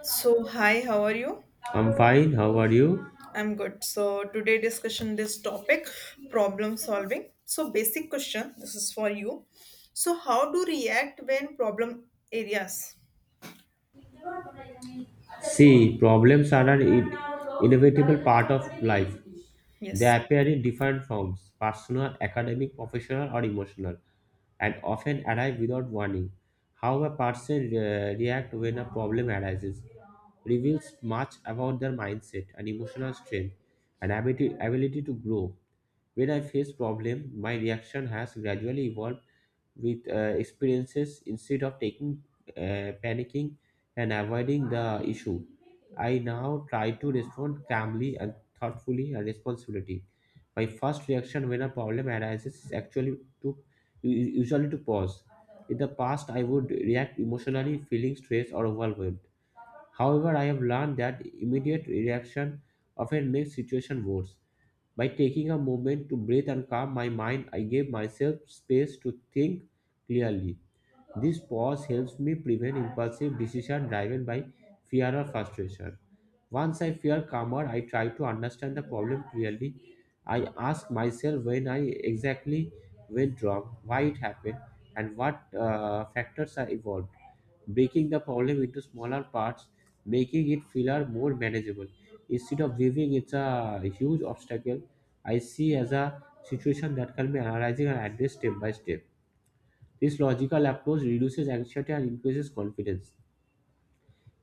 So, hi, how are you? I'm fine. How are you? I'm good. So, today discussion this topic, problem solving. So, basic question, this is for you. So, how do react when problem areas? See, problems are an inevitable part of life. They Yes. appear in different forms personal, academic, professional, or emotional, and often arrive without warning. How a person reacts when a problem arises reveals much about their mindset and emotional strength and ability to grow. When I face problem, my reaction has gradually evolved with experiences instead of taking panicking and avoiding the issue. I now try to respond calmly and thoughtfully and responsibility. My first reaction when a problem arises is actually to u- usually to pause. In the past I would react emotionally feeling stressed or overwhelmed. However, I have learned that immediate reaction often makes situation worse. By taking a moment to breathe and calm my mind I gave myself space to think clearly. This pause helps me prevent impulsive decision driven by fear or frustration. Once I feel calmer, I try to understand the problem clearly. I ask myself when I exactly went wrong, why it happened, and what factors are involved. Breaking the problem into smaller parts, making it feel more manageable. Instead of viewing it a huge obstacle, I see as a situation that can be analyzed and addressed step by step. This logical approach reduces anxiety and increases confidence.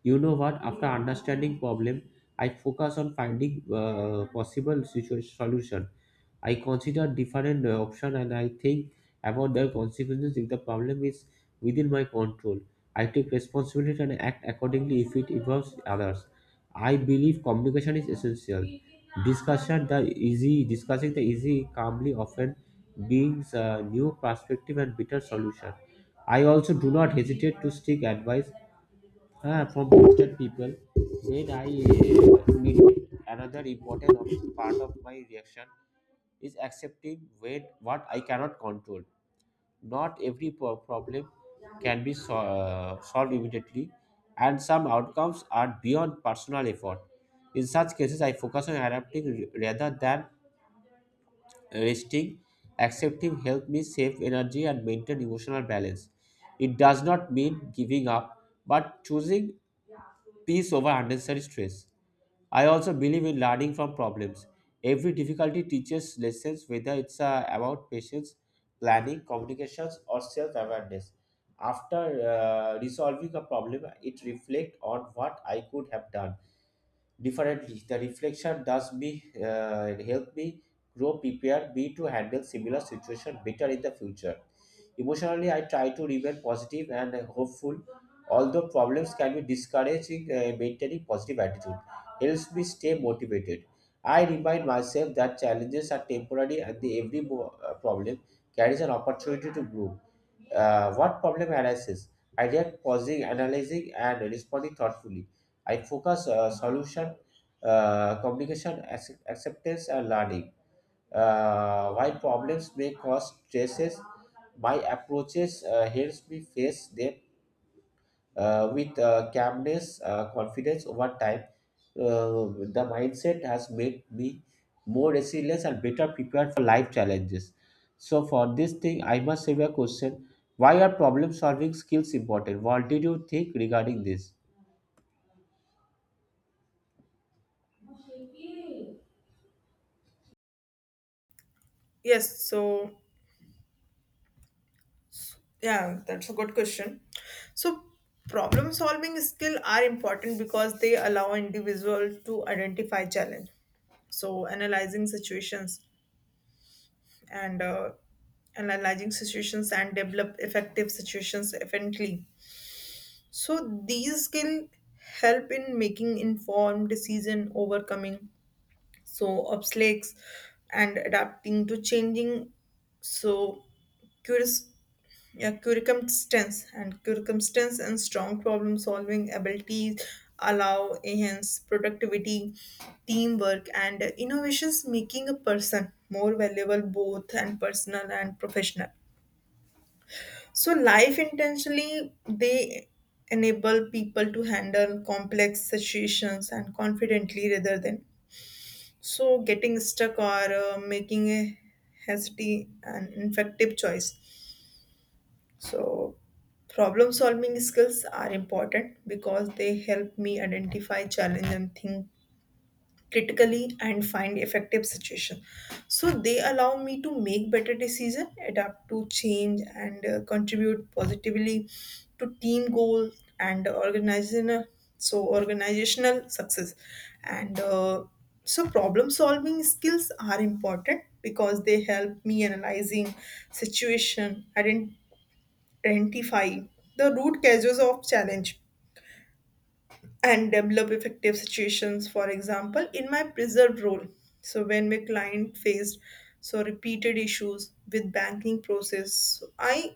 You know what? After understanding problem, I focus on finding possible situation solution. I considered different options and I think about their consequences if the problem is within my control. I take responsibility and act accordingly if it involves others. I believe communication is essential. Discussion the easy Discussing the easy calmly often brings a new perspective and better solution. I also do not hesitate to seek advice from trusted people. Then I need another important part of my reaction is accepting when what I cannot control. Not every problem can be solved immediately, and some outcomes are beyond personal effort. In such cases, I focus on adapting rather than resting. Accepting help me save energy and maintain emotional balance. It does not mean giving up, but choosing peace over unnecessary stress. I also believe in learning from problems. Every difficulty teaches lessons, whether it's about patience, planning, communications, or self awareness. After resolving a problem, it reflects on what I could have done differently. The reflection does me help me grow, prepare me to handle similar situation better in the future. Emotionally, I try to remain positive and hopeful. Although problems can be discouraging, maintaining positive attitude helps me stay motivated. I remind myself that challenges are temporary and the every problem carries an opportunity to grow. What problem arises? I react pausing, analyzing, and responding thoughtfully. I focus solution, communication, acceptance, and learning. While problems may cause stresses, my approaches helps me face them with calmness, confidence over time. The mindset has made me more resilient and better prepared for life challenges. So for this thing, I must have a question. Why are problem solving skills important? What did you think regarding this? Yes, so yeah, that's a good question. So problem solving skill are important because they allow individual to identify challenge. So and uh, analyzing situations and develop effective situations efficiently. So these skills help in making informed decision, overcoming so obstacles, and adapting to changing so curious, yeah, circumstance and circumstance and strong problem solving abilities allow enhance productivity, teamwork, and innovations, making a person more valuable both and personal and professional. So, life intentionally they enable people to handle complex situations and confidently rather than so getting stuck or making a hasty and ineffective choice. So, problem solving skills are important because they help me identify challenge and think critically and find effective suggestion, so they allow me to make better decision adapt to change and contribute positively to team goal and organizational so organizational success and so problem solving skills are important because they help me analyzing situation identify the root causes of challenge and develop effective situations. For example, in my preserved role, so when my client faced so repeated issues with banking process, so I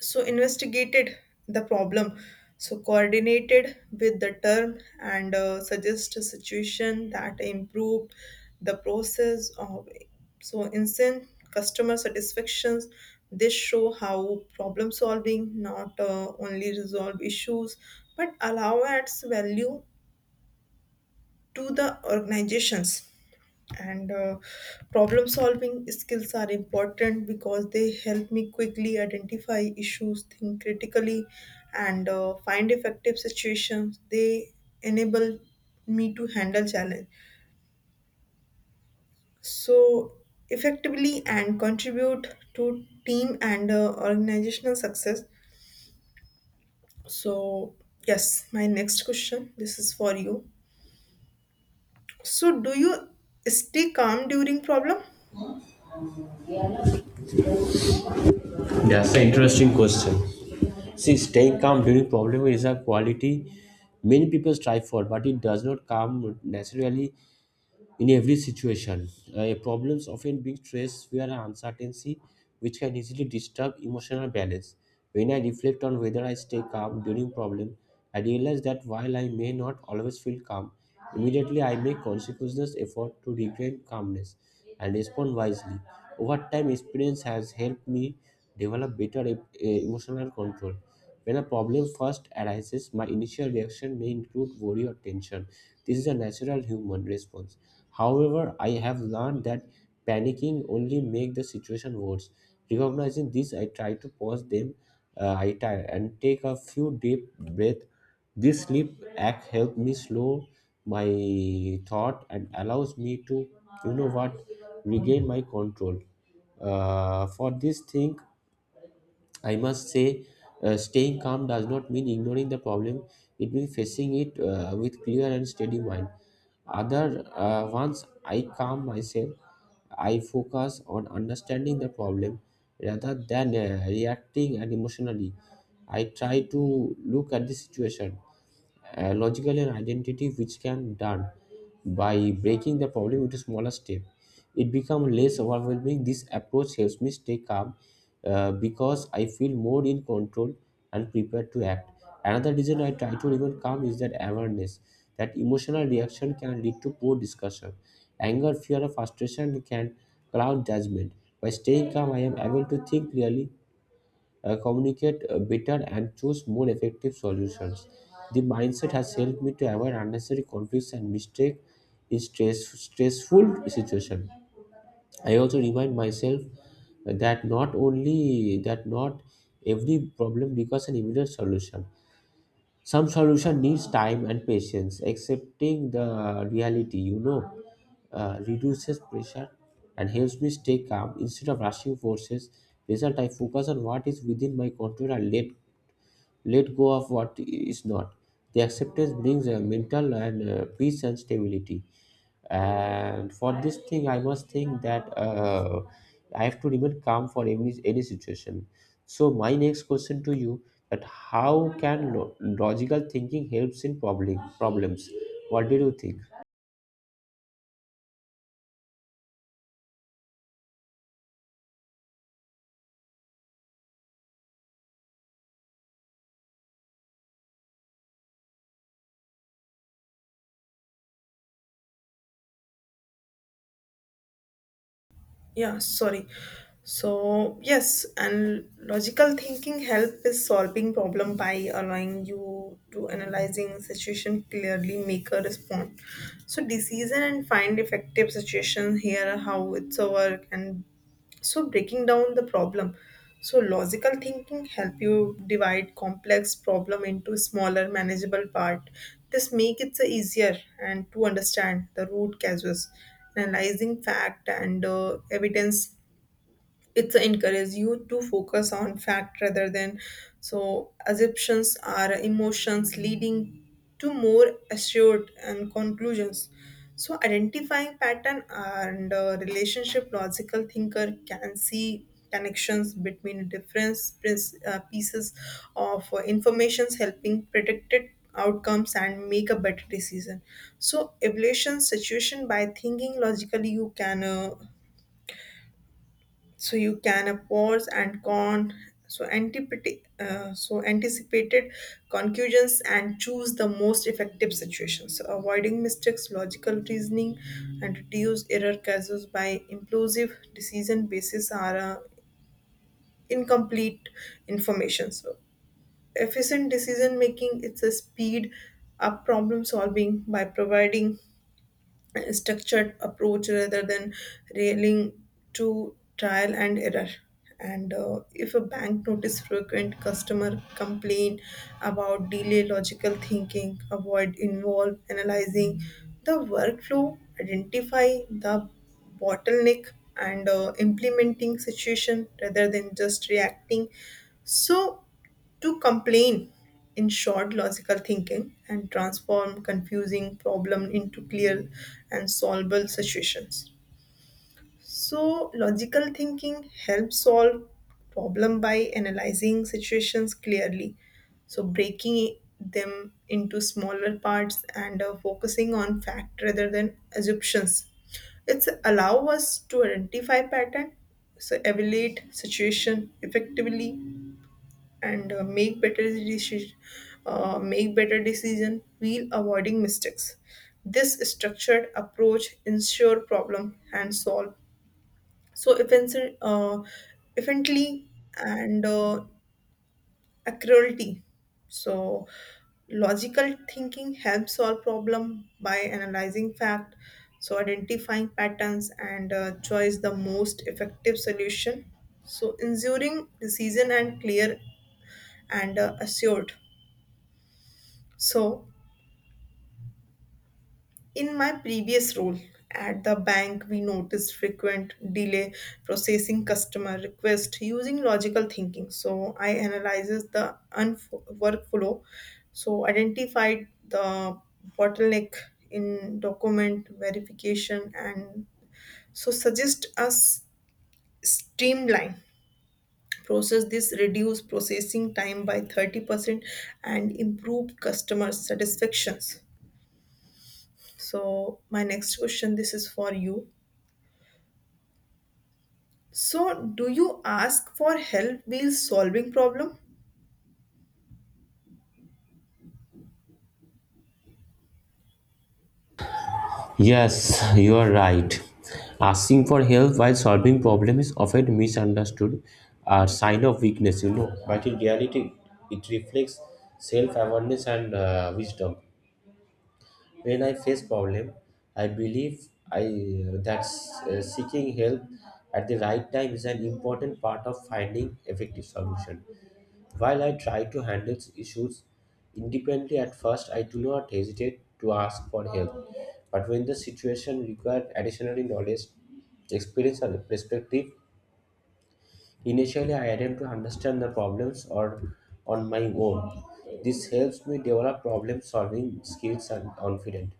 so investigated the problem, so coordinated with the term and suggest a situation that improved the process of so instant customer satisfactions. This show how problem solving not only resolve issues but allow adds value to the organizations and problem solving skills are important because they help me quickly identify issues, think critically and find effective situations. They enable me to handle challenge so effectively and contribute to team and organizational success. So yes, my next question, this is for you. So do you stay calm during problem? That's an interesting question. See, staying calm during problem is a quality many people strive for, but it does not come naturally in every situation. Problems often bring stress, fear, and uncertainty, which can easily disturb emotional balance. When I reflect on whether I stay calm during problem, I realize that while I may not always feel calm, immediately I make conscious effort to regain calmness and respond wisely. Over time, experience has helped me develop better emotional control. When a problem first arises, my initial reaction may include worry or tension. This is a natural human response. However, I have learned that panicking only makes the situation worse. Recognizing this, I try to pause them. I try and take a few deep breath. This sleep act helped me slow my thought and allows me to, you know what, regain my control. For this thing, I must say, staying calm does not mean ignoring the problem. It means facing it with clear and steady mind. Other Once I calm myself, I focus on understanding the problem rather than reacting and emotionally. I try to look at the situation a logical and identity which can done by breaking the problem into smaller step. It becomes less overwhelming. This approach helps me stay calm because I feel more in control and prepared to act. Another reason I try to remain calm is that awareness that emotional reaction can lead to poor discussion. Anger, fear or frustration can cloud judgment. By staying calm I am able to think clearly, communicate better, and choose more effective solutions. The mindset has helped me to avoid unnecessary conflicts and mistake in stressful situation. I also remind myself that not only that not every problem requires an immediate solution. Some solution needs time and patience. Accepting the reality, you know, reduces pressure and helps me stay calm instead of rushing forces. Result: I focus on what is within my control and let go of what is not. The acceptance brings a mental and peace and stability. And for this thing, I must think that I have to remain calm for any situation. So my next question to you, that how can logical thinking helps in problems? What did you think? Yeah, sorry. So yes, and logical thinking help is solving problem by allowing you to analyzing situation clearly, make a response, so decision and find effective situation. Here how it's a work and so breaking down the problem, so logical thinking help you divide complex problem into smaller manageable part. This make it so easier and to understand the root causes, analyzing fact and evidence. It encourages you to focus on fact rather than so assumptions are emotions leading to more assured and conclusions, so identifying pattern and relationship. Logical thinker can see connections between different pieces of informations, helping predicted outcomes and make a better decision. So evaluation situation by thinking logically you can so you can a pause and con so so anticipated conclusions and choose the most effective situations, so avoiding mistakes. Logical reasoning and reduce error cases by impulsive decision basis are incomplete information, so efficient decision making. It's a speed up problem solving by providing a structured approach rather than railing to trial and error. And if a bank notice frequent customer complaint about delay, logical thinking avoid involve analyzing the workflow, identify the bottleneck and implementing situation rather than just reacting. So to complain, in short, logical thinking and transform confusing problem into clear and solvable situations. So logical thinking helps solve problem by analyzing situations clearly, so breaking them into smaller parts and focusing on fact rather than assumptions. It's allow us to identify pattern, so evaluate situation effectively and make better decision, make better decision while avoiding mistakes. This structured approach ensure problem and solve so efficiently efficiently and accurately. So logical thinking helps solve problem by analyzing fact, so identifying patterns and choice the most effective solution, so ensuring decision and clear and assured. So, in my previous role at the bank, we noticed frequent delay processing customer request using logical thinking. So, I analyzes the workflow, so identified the bottleneck in document verification and so suggest us streamline process. This reduce processing time by 30% and improve customer satisfactions. So, my next question this is for you. So, do you ask for help while solving problem? Yes, you are right. Asking for help while solving problem is often misunderstood a sign of weakness, you know. But in reality, it reflects self-awareness and wisdom. When I face problem, I believe I that seeking help at the right time is an important part of finding effective solution. While I try to handle issues independently at first, I do not hesitate to ask for help. But when the situation requires additional knowledge, experience, or perspective, initially I attempt to understand the problems or on my own. This helps me develop problem solving skills and confidence.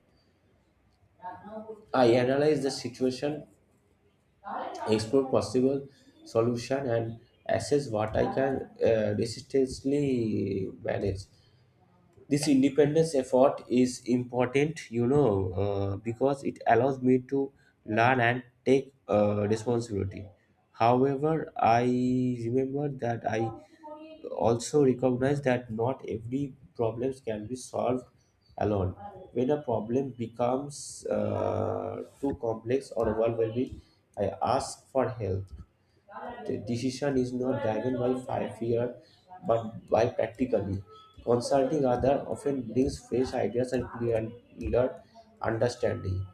I analyze the situation, explore possible solution, and assess what I can resistantly manage. This independence effort is important, you know, because it allows me to learn and take responsibility. However, I remember that I also recognize that not every problems can be solved alone. When a problem becomes too complex or overwhelming, I ask for help. The decision is not driven by fear but by practically. Consulting others often brings fresh ideas and clearer understanding.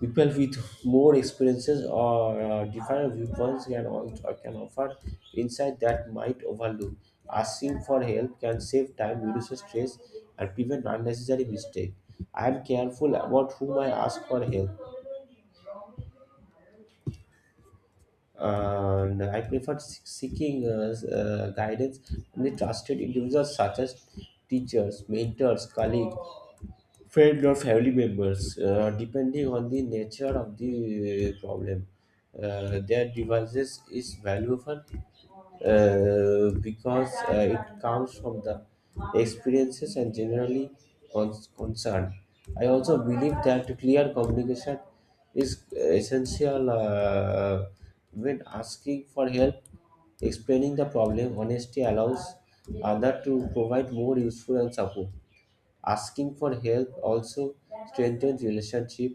People with more experiences or different viewpoints can offer insight that might overlook. Asking for help can save time, reduce stress, and prevent unnecessary mistakes. I am careful about whom I ask for help and I prefer seeking guidance from the trusted individuals such as teachers, mentors, colleagues, friends, or family members, depending on the nature of the problem. Their devices is valuable because it comes from the experiences and generally concern. I also believe that clear communication is essential when asking for help. Explaining the problem honestly allows other to provide more useful and support. Asking for help also strengthens relationship.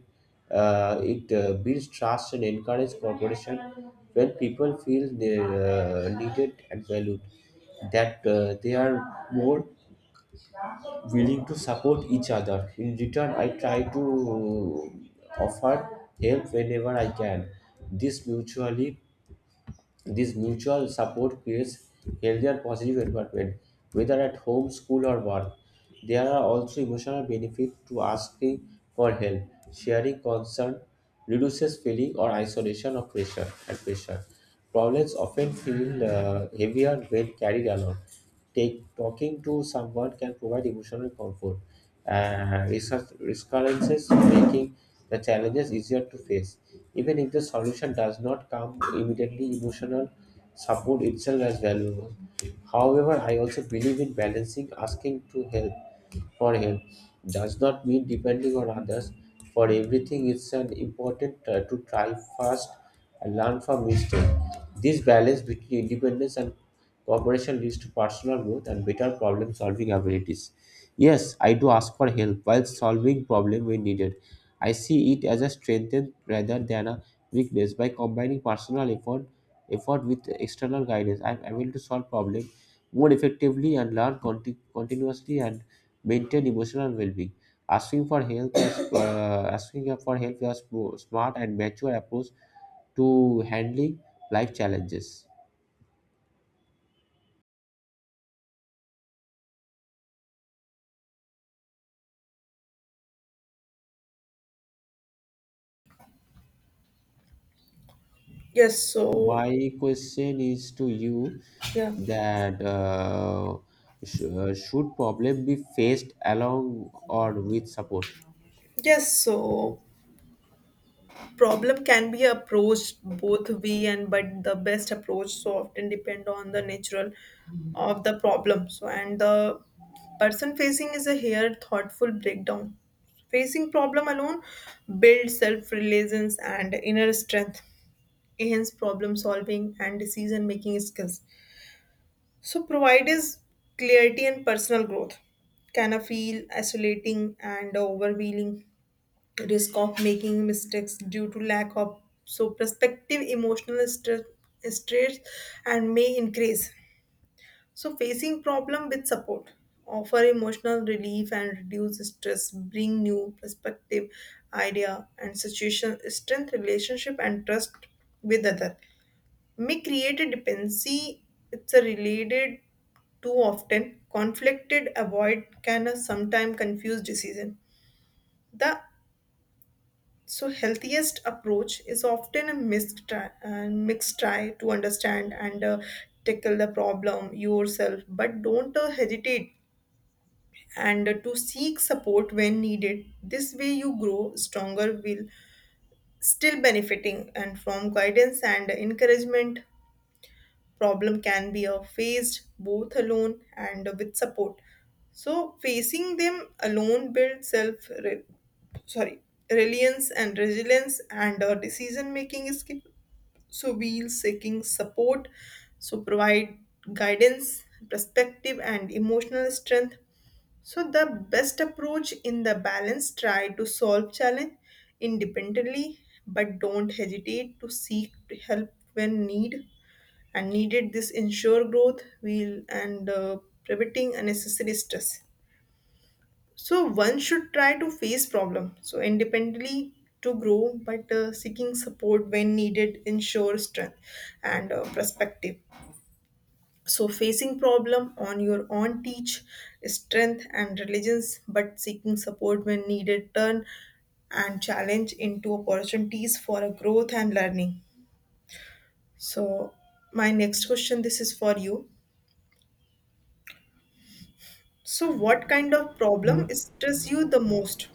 It builds trust and encourages cooperation. When people feel they, needed and valued, that they are more willing to support each other. In return I try to offer help whenever I can. this mutually this mutual support creates healthier positive environment, whether at home, school, or work. There are also emotional benefits to asking for help. Sharing concern reduces feeling or isolation of pressure and pressure. Problems often feel heavier when carried alone. Talking to someone can provide emotional comfort, resource recurrences, making the challenges easier to face. Even if the solution does not come immediately, emotional support itself is valuable. However, I also believe in balancing asking to help for help does not mean depending on others for everything. It's an important to try first and learn from mistake. This balance between independence and cooperation leads to personal growth and better problem solving abilities. Yes, I do ask for help while solving problem when needed. I see it as a strength rather than a weakness. By combining personal effort with external guidance, I am able to solve problem more effectively and learn continuously and maintain emotional well-being. Asking for help is a smart and mature approach to handling life challenges. Yes, so My question is to you yeah. that should problem be faced along or with support? Yes, so problem can be approached both way, and but the best approach so often depend on the natural of the problem. So, and the person facing is a here thoughtful breakdown. Facing problem alone builds self-reliance and inner strength. Hence, problem solving and decision making skills. So, provide is clarity and personal growth. Can I feel isolating and overwhelming? Risk of making mistakes due to lack of so perspective, emotional stress, stress, and may increase. So, facing problem with support offer emotional relief and reduce stress, bring new perspective idea and situation, strength relationship and trust with other, may create a dependency. It's a related too often conflicted avoid can a sometime confuse decision. The so healthiest approach is often a mixed try and mixed try to understand and tackle the problem yourself, but don't hesitate and to seek support when needed. This way you grow stronger will still benefiting and from guidance and encouragement. Problem can be faced both alone and with support, so facing them alone builds self re- sorry reliance and resilience and decision making skill, so we'll seeking support, so provide guidance, perspective and emotional strength. So the best approach in the balance, try to solve challenge independently but don't hesitate to seek help when need and needed. This ensure growth will and preventing unnecessary stress. So one should try to face problem so independently to grow but seeking support when needed ensure strength and perspective. So facing problem on your own teach strength and religions, but seeking support when needed turn and challenge into opportunities for a growth and learning. So my next question, this is for you. So, what kind of problem stress you the most?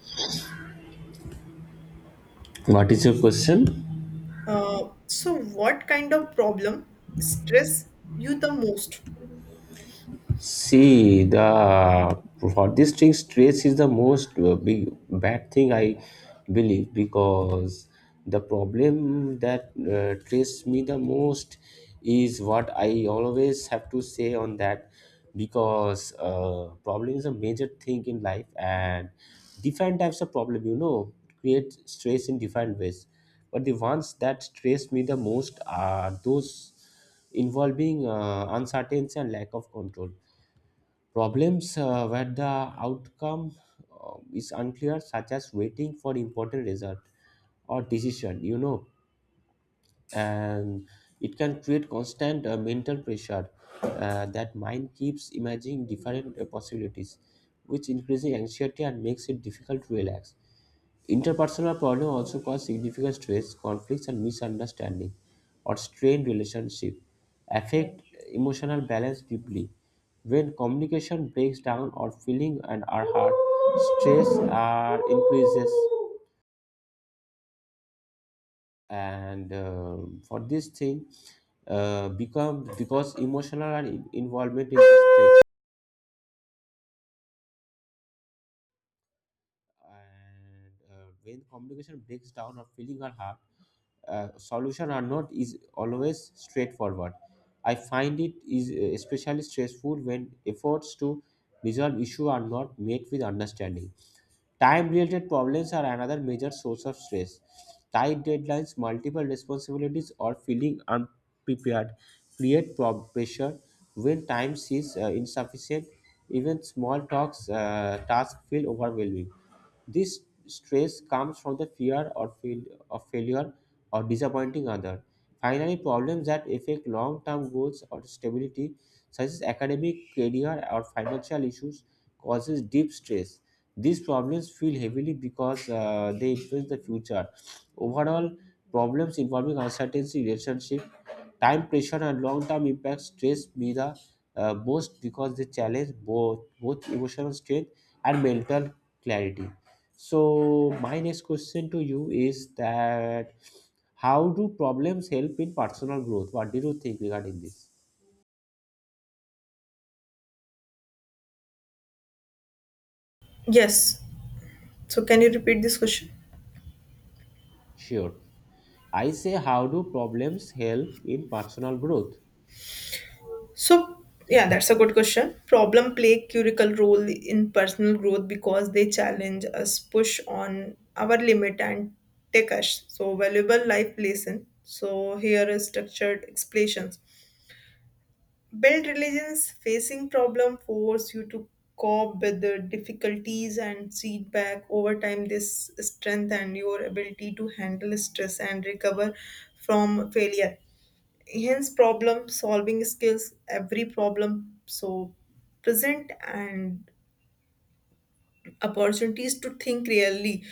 What is your question? So, what kind of problem stress you the most? See, the for district stress is the most big bad thing I believe because the problem that stress me the most is what I always have to say on that because problem is a major thing in life, and different types of problem create stress in different ways. But the ones that stress me the most are those involving uncertainty and lack of control. Problems where the outcome is unclear, such as waiting for important result or decision, and it can create constant mental pressure, that mind keeps imagining different possibilities, which increases anxiety and makes it difficult to relax. Interpersonal problems also cause significant stress, conflicts, and misunderstanding, or strained relationship, affect emotional balance deeply. When communication breaks down or feeling and are hurt, stress are increases, and for this thing, become because emotional and involvement is at stake. And when communication breaks down or feeling are hard, solution are not is always straightforward. I find it is especially stressful when efforts to resolve issue are not made with understanding. Time related problems are another major source of stress. Tight deadlines, multiple responsibilities, or feeling unprepared create pressure. When time is insufficient, even small talks tasks feel overwhelming. This stress comes from the fear or fail of failure or disappointing other. Finally, problems that affect long-term goals or stability, such as academic, career, or financial issues, causes deep stress. These problems feel heavily because they influence the future. Overall, problems involving uncertainty, relationship, time pressure, and long-term impact stress me the most because they challenge both emotional strength and mental clarity. So my next question to you is that, how do problems help in personal growth? What do you think regarding this? Yes. So, can you repeat this question? Sure, I say, how do problems help in personal growth? So, yeah, that's a good question. Problem play critical role in personal growth because they challenge us, push on our limit, and take us. So, valuable life lesson. So, here is structured explanations. Built religions facing problem force you to cope with the difficulties and feedback over time. This strengthen your ability to handle stress and recover from failure. Hence, problem solving skills. Every problem so present and opportunities to think really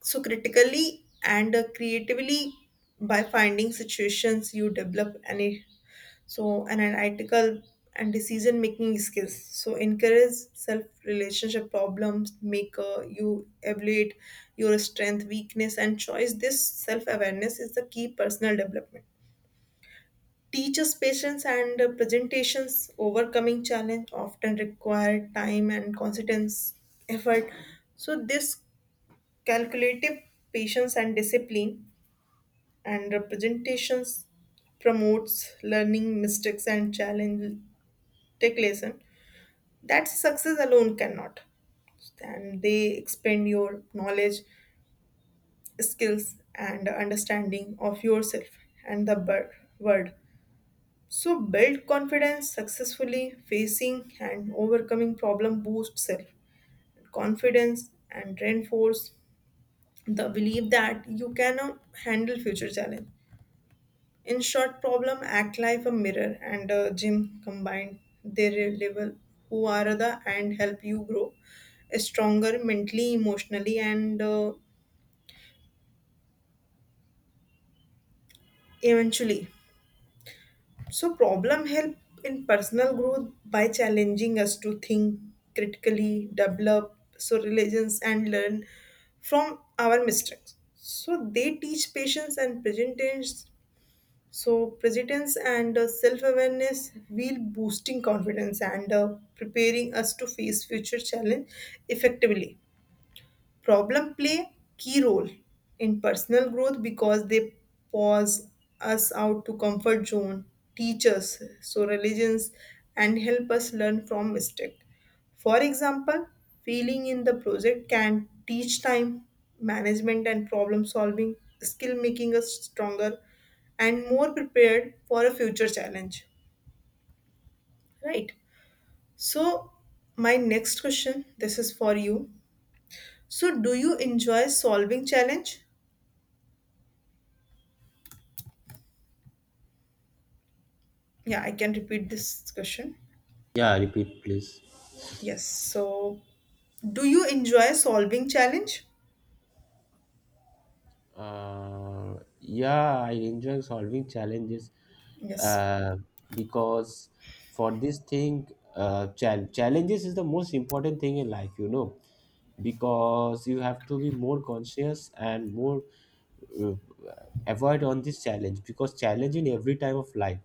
so critically and creatively. By finding situations you develop any so an analytical and decision making skills, so encourage self relationship. Problems maker you evaluate your strength, weakness and choice. This self awareness is the key personal development. Teaches patience and presentations. Overcoming challenge often require time and consistent effort. So this calculative patience and discipline and representations promotes learning mistakes and challenge, take lesson that success alone cannot, and they expand your knowledge, skills and understanding of yourself and the world. So build confidence. Successfully facing and overcoming problem boosts self confidence and reinforce the belief that you can handle future challenge. In short, problem act like a mirror and a gym combined. They reveal who are the and help you grow stronger mentally, emotionally, and eventually. So problem help in personal growth by challenging us to think critically, develop so religions and learn from our mistakes. So they teach patience and presentance. So presence and self-awareness will boosting confidence and preparing us to face future challenge effectively. Problem play key role in personal growth because they pause us out to comfort zone, teach us so religions and help us learn from mistake. For example, failing in the project can teach time management and problem solving skill, making us stronger and more prepared for a future challenge. Right. So my next question, this is for you. So do you enjoy solving challenge? Yeah, I can repeat this question. Yeah, repeat please. Yes. So, do you enjoy solving challenge? Uh, yeah, I enjoy solving challenges, Yes. uh, because for this thing, challenges is the most important thing in life, because you have to be more conscious and more uh, avoid on this challenge because challenge in every time of life.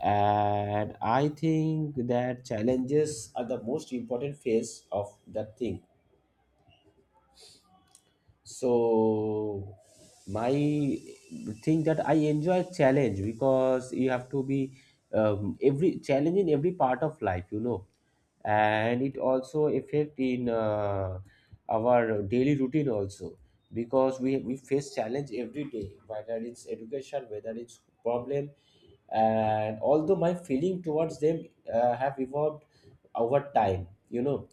And I think that challenges are the most important phase of that thing. So my thing that I enjoy challenge because you have to be, every challenge in every part of life, and it also affect in our daily routine also, because we face challenge every day, whether it's education, whether it's problem, and although my feeling towards them have evolved over time,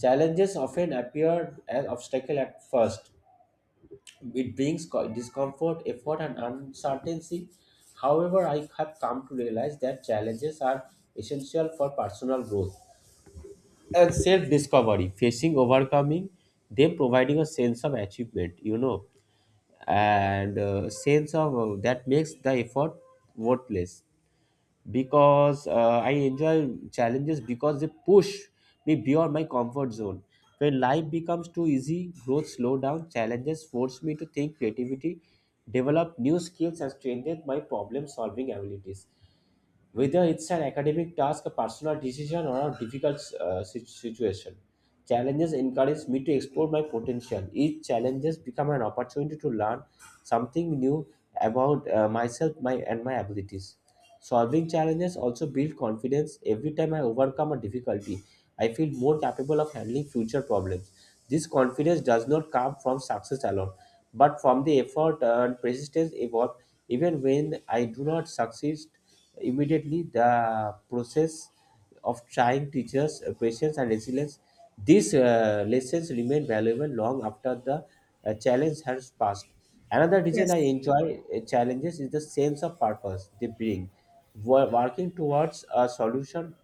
challenges often appear as obstacle at first. It brings discomfort, effort, and uncertainty. However, I have come to realize that challenges are essential for personal growth and self discovery, facing, overcoming them, providing a sense of achievement, and sense of that makes the effort worthless because I enjoy challenges because they push me beyond my comfort zone. When life becomes too easy, growth slow down. Challenges force me to think creativity, develop new skills, and strengthen my problem solving abilities. Whether it's an academic task, a personal decision, or a difficult situation. Challenges encourage me to explore my potential. Each challenges become an opportunity to learn something new about myself my, and my abilities. Solving challenges also build confidence. Every time I overcome a difficulty, I feel more capable of handling future problems. This confidence does not come from success alone, but from the effort and persistence involved. Even when I do not succeed immediately, the process of trying teachers patience and resilience. These lessons remain valuable long after the challenge has passed. Another reason I Yes. enjoy challenges is the sense of purpose they bring. Working towards a solution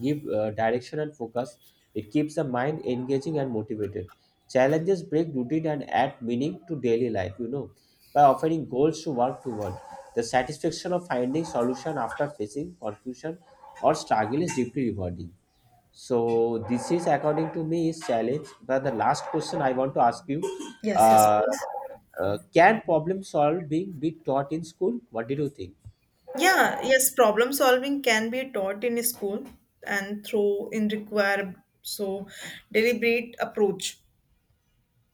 give direction and focus. It keeps the mind engaging and motivated. Challenges break routine and add meaning to daily life, by offering goals to work toward. The satisfaction of finding solution after facing confusion or struggle is deeply rewarding. So this is according to me is challenge. But the last question I want to ask you, Yes, yes, uh, please. Can problem solving be taught in school? What did you think? Yeah, yes, problem solving can be taught in school and through in require so deliberate approach.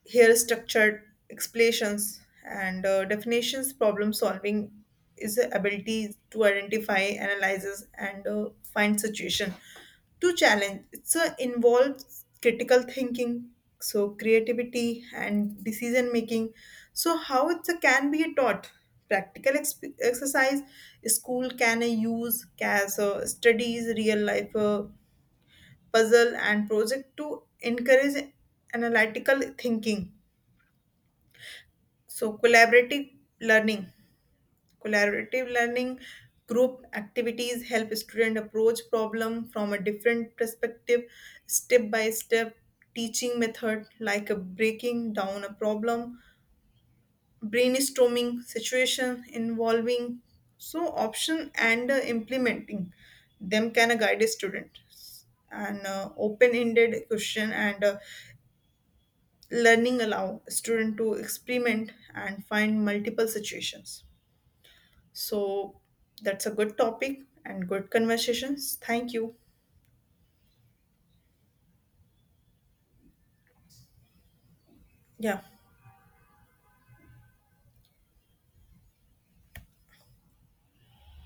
Here, structured explanations and definitions. Problem solving is the ability to identify analyzes and find situation to challenge. It's a involves critical thinking, so creativity and decision making. So how it can be taught? Practical exercise, school can use as studies, real life puzzle and project to encourage analytical thinking, so collaborative learning. Collaborative learning group activities help student approach problem from a different perspective step by step. Teaching method like a breaking down a problem, brainstorming situation involving so option and implementing them can guide a student. And open-ended question and learning allow student to experiment and find multiple situations. So that's a good topic and good conversations. Thank you. Yeah.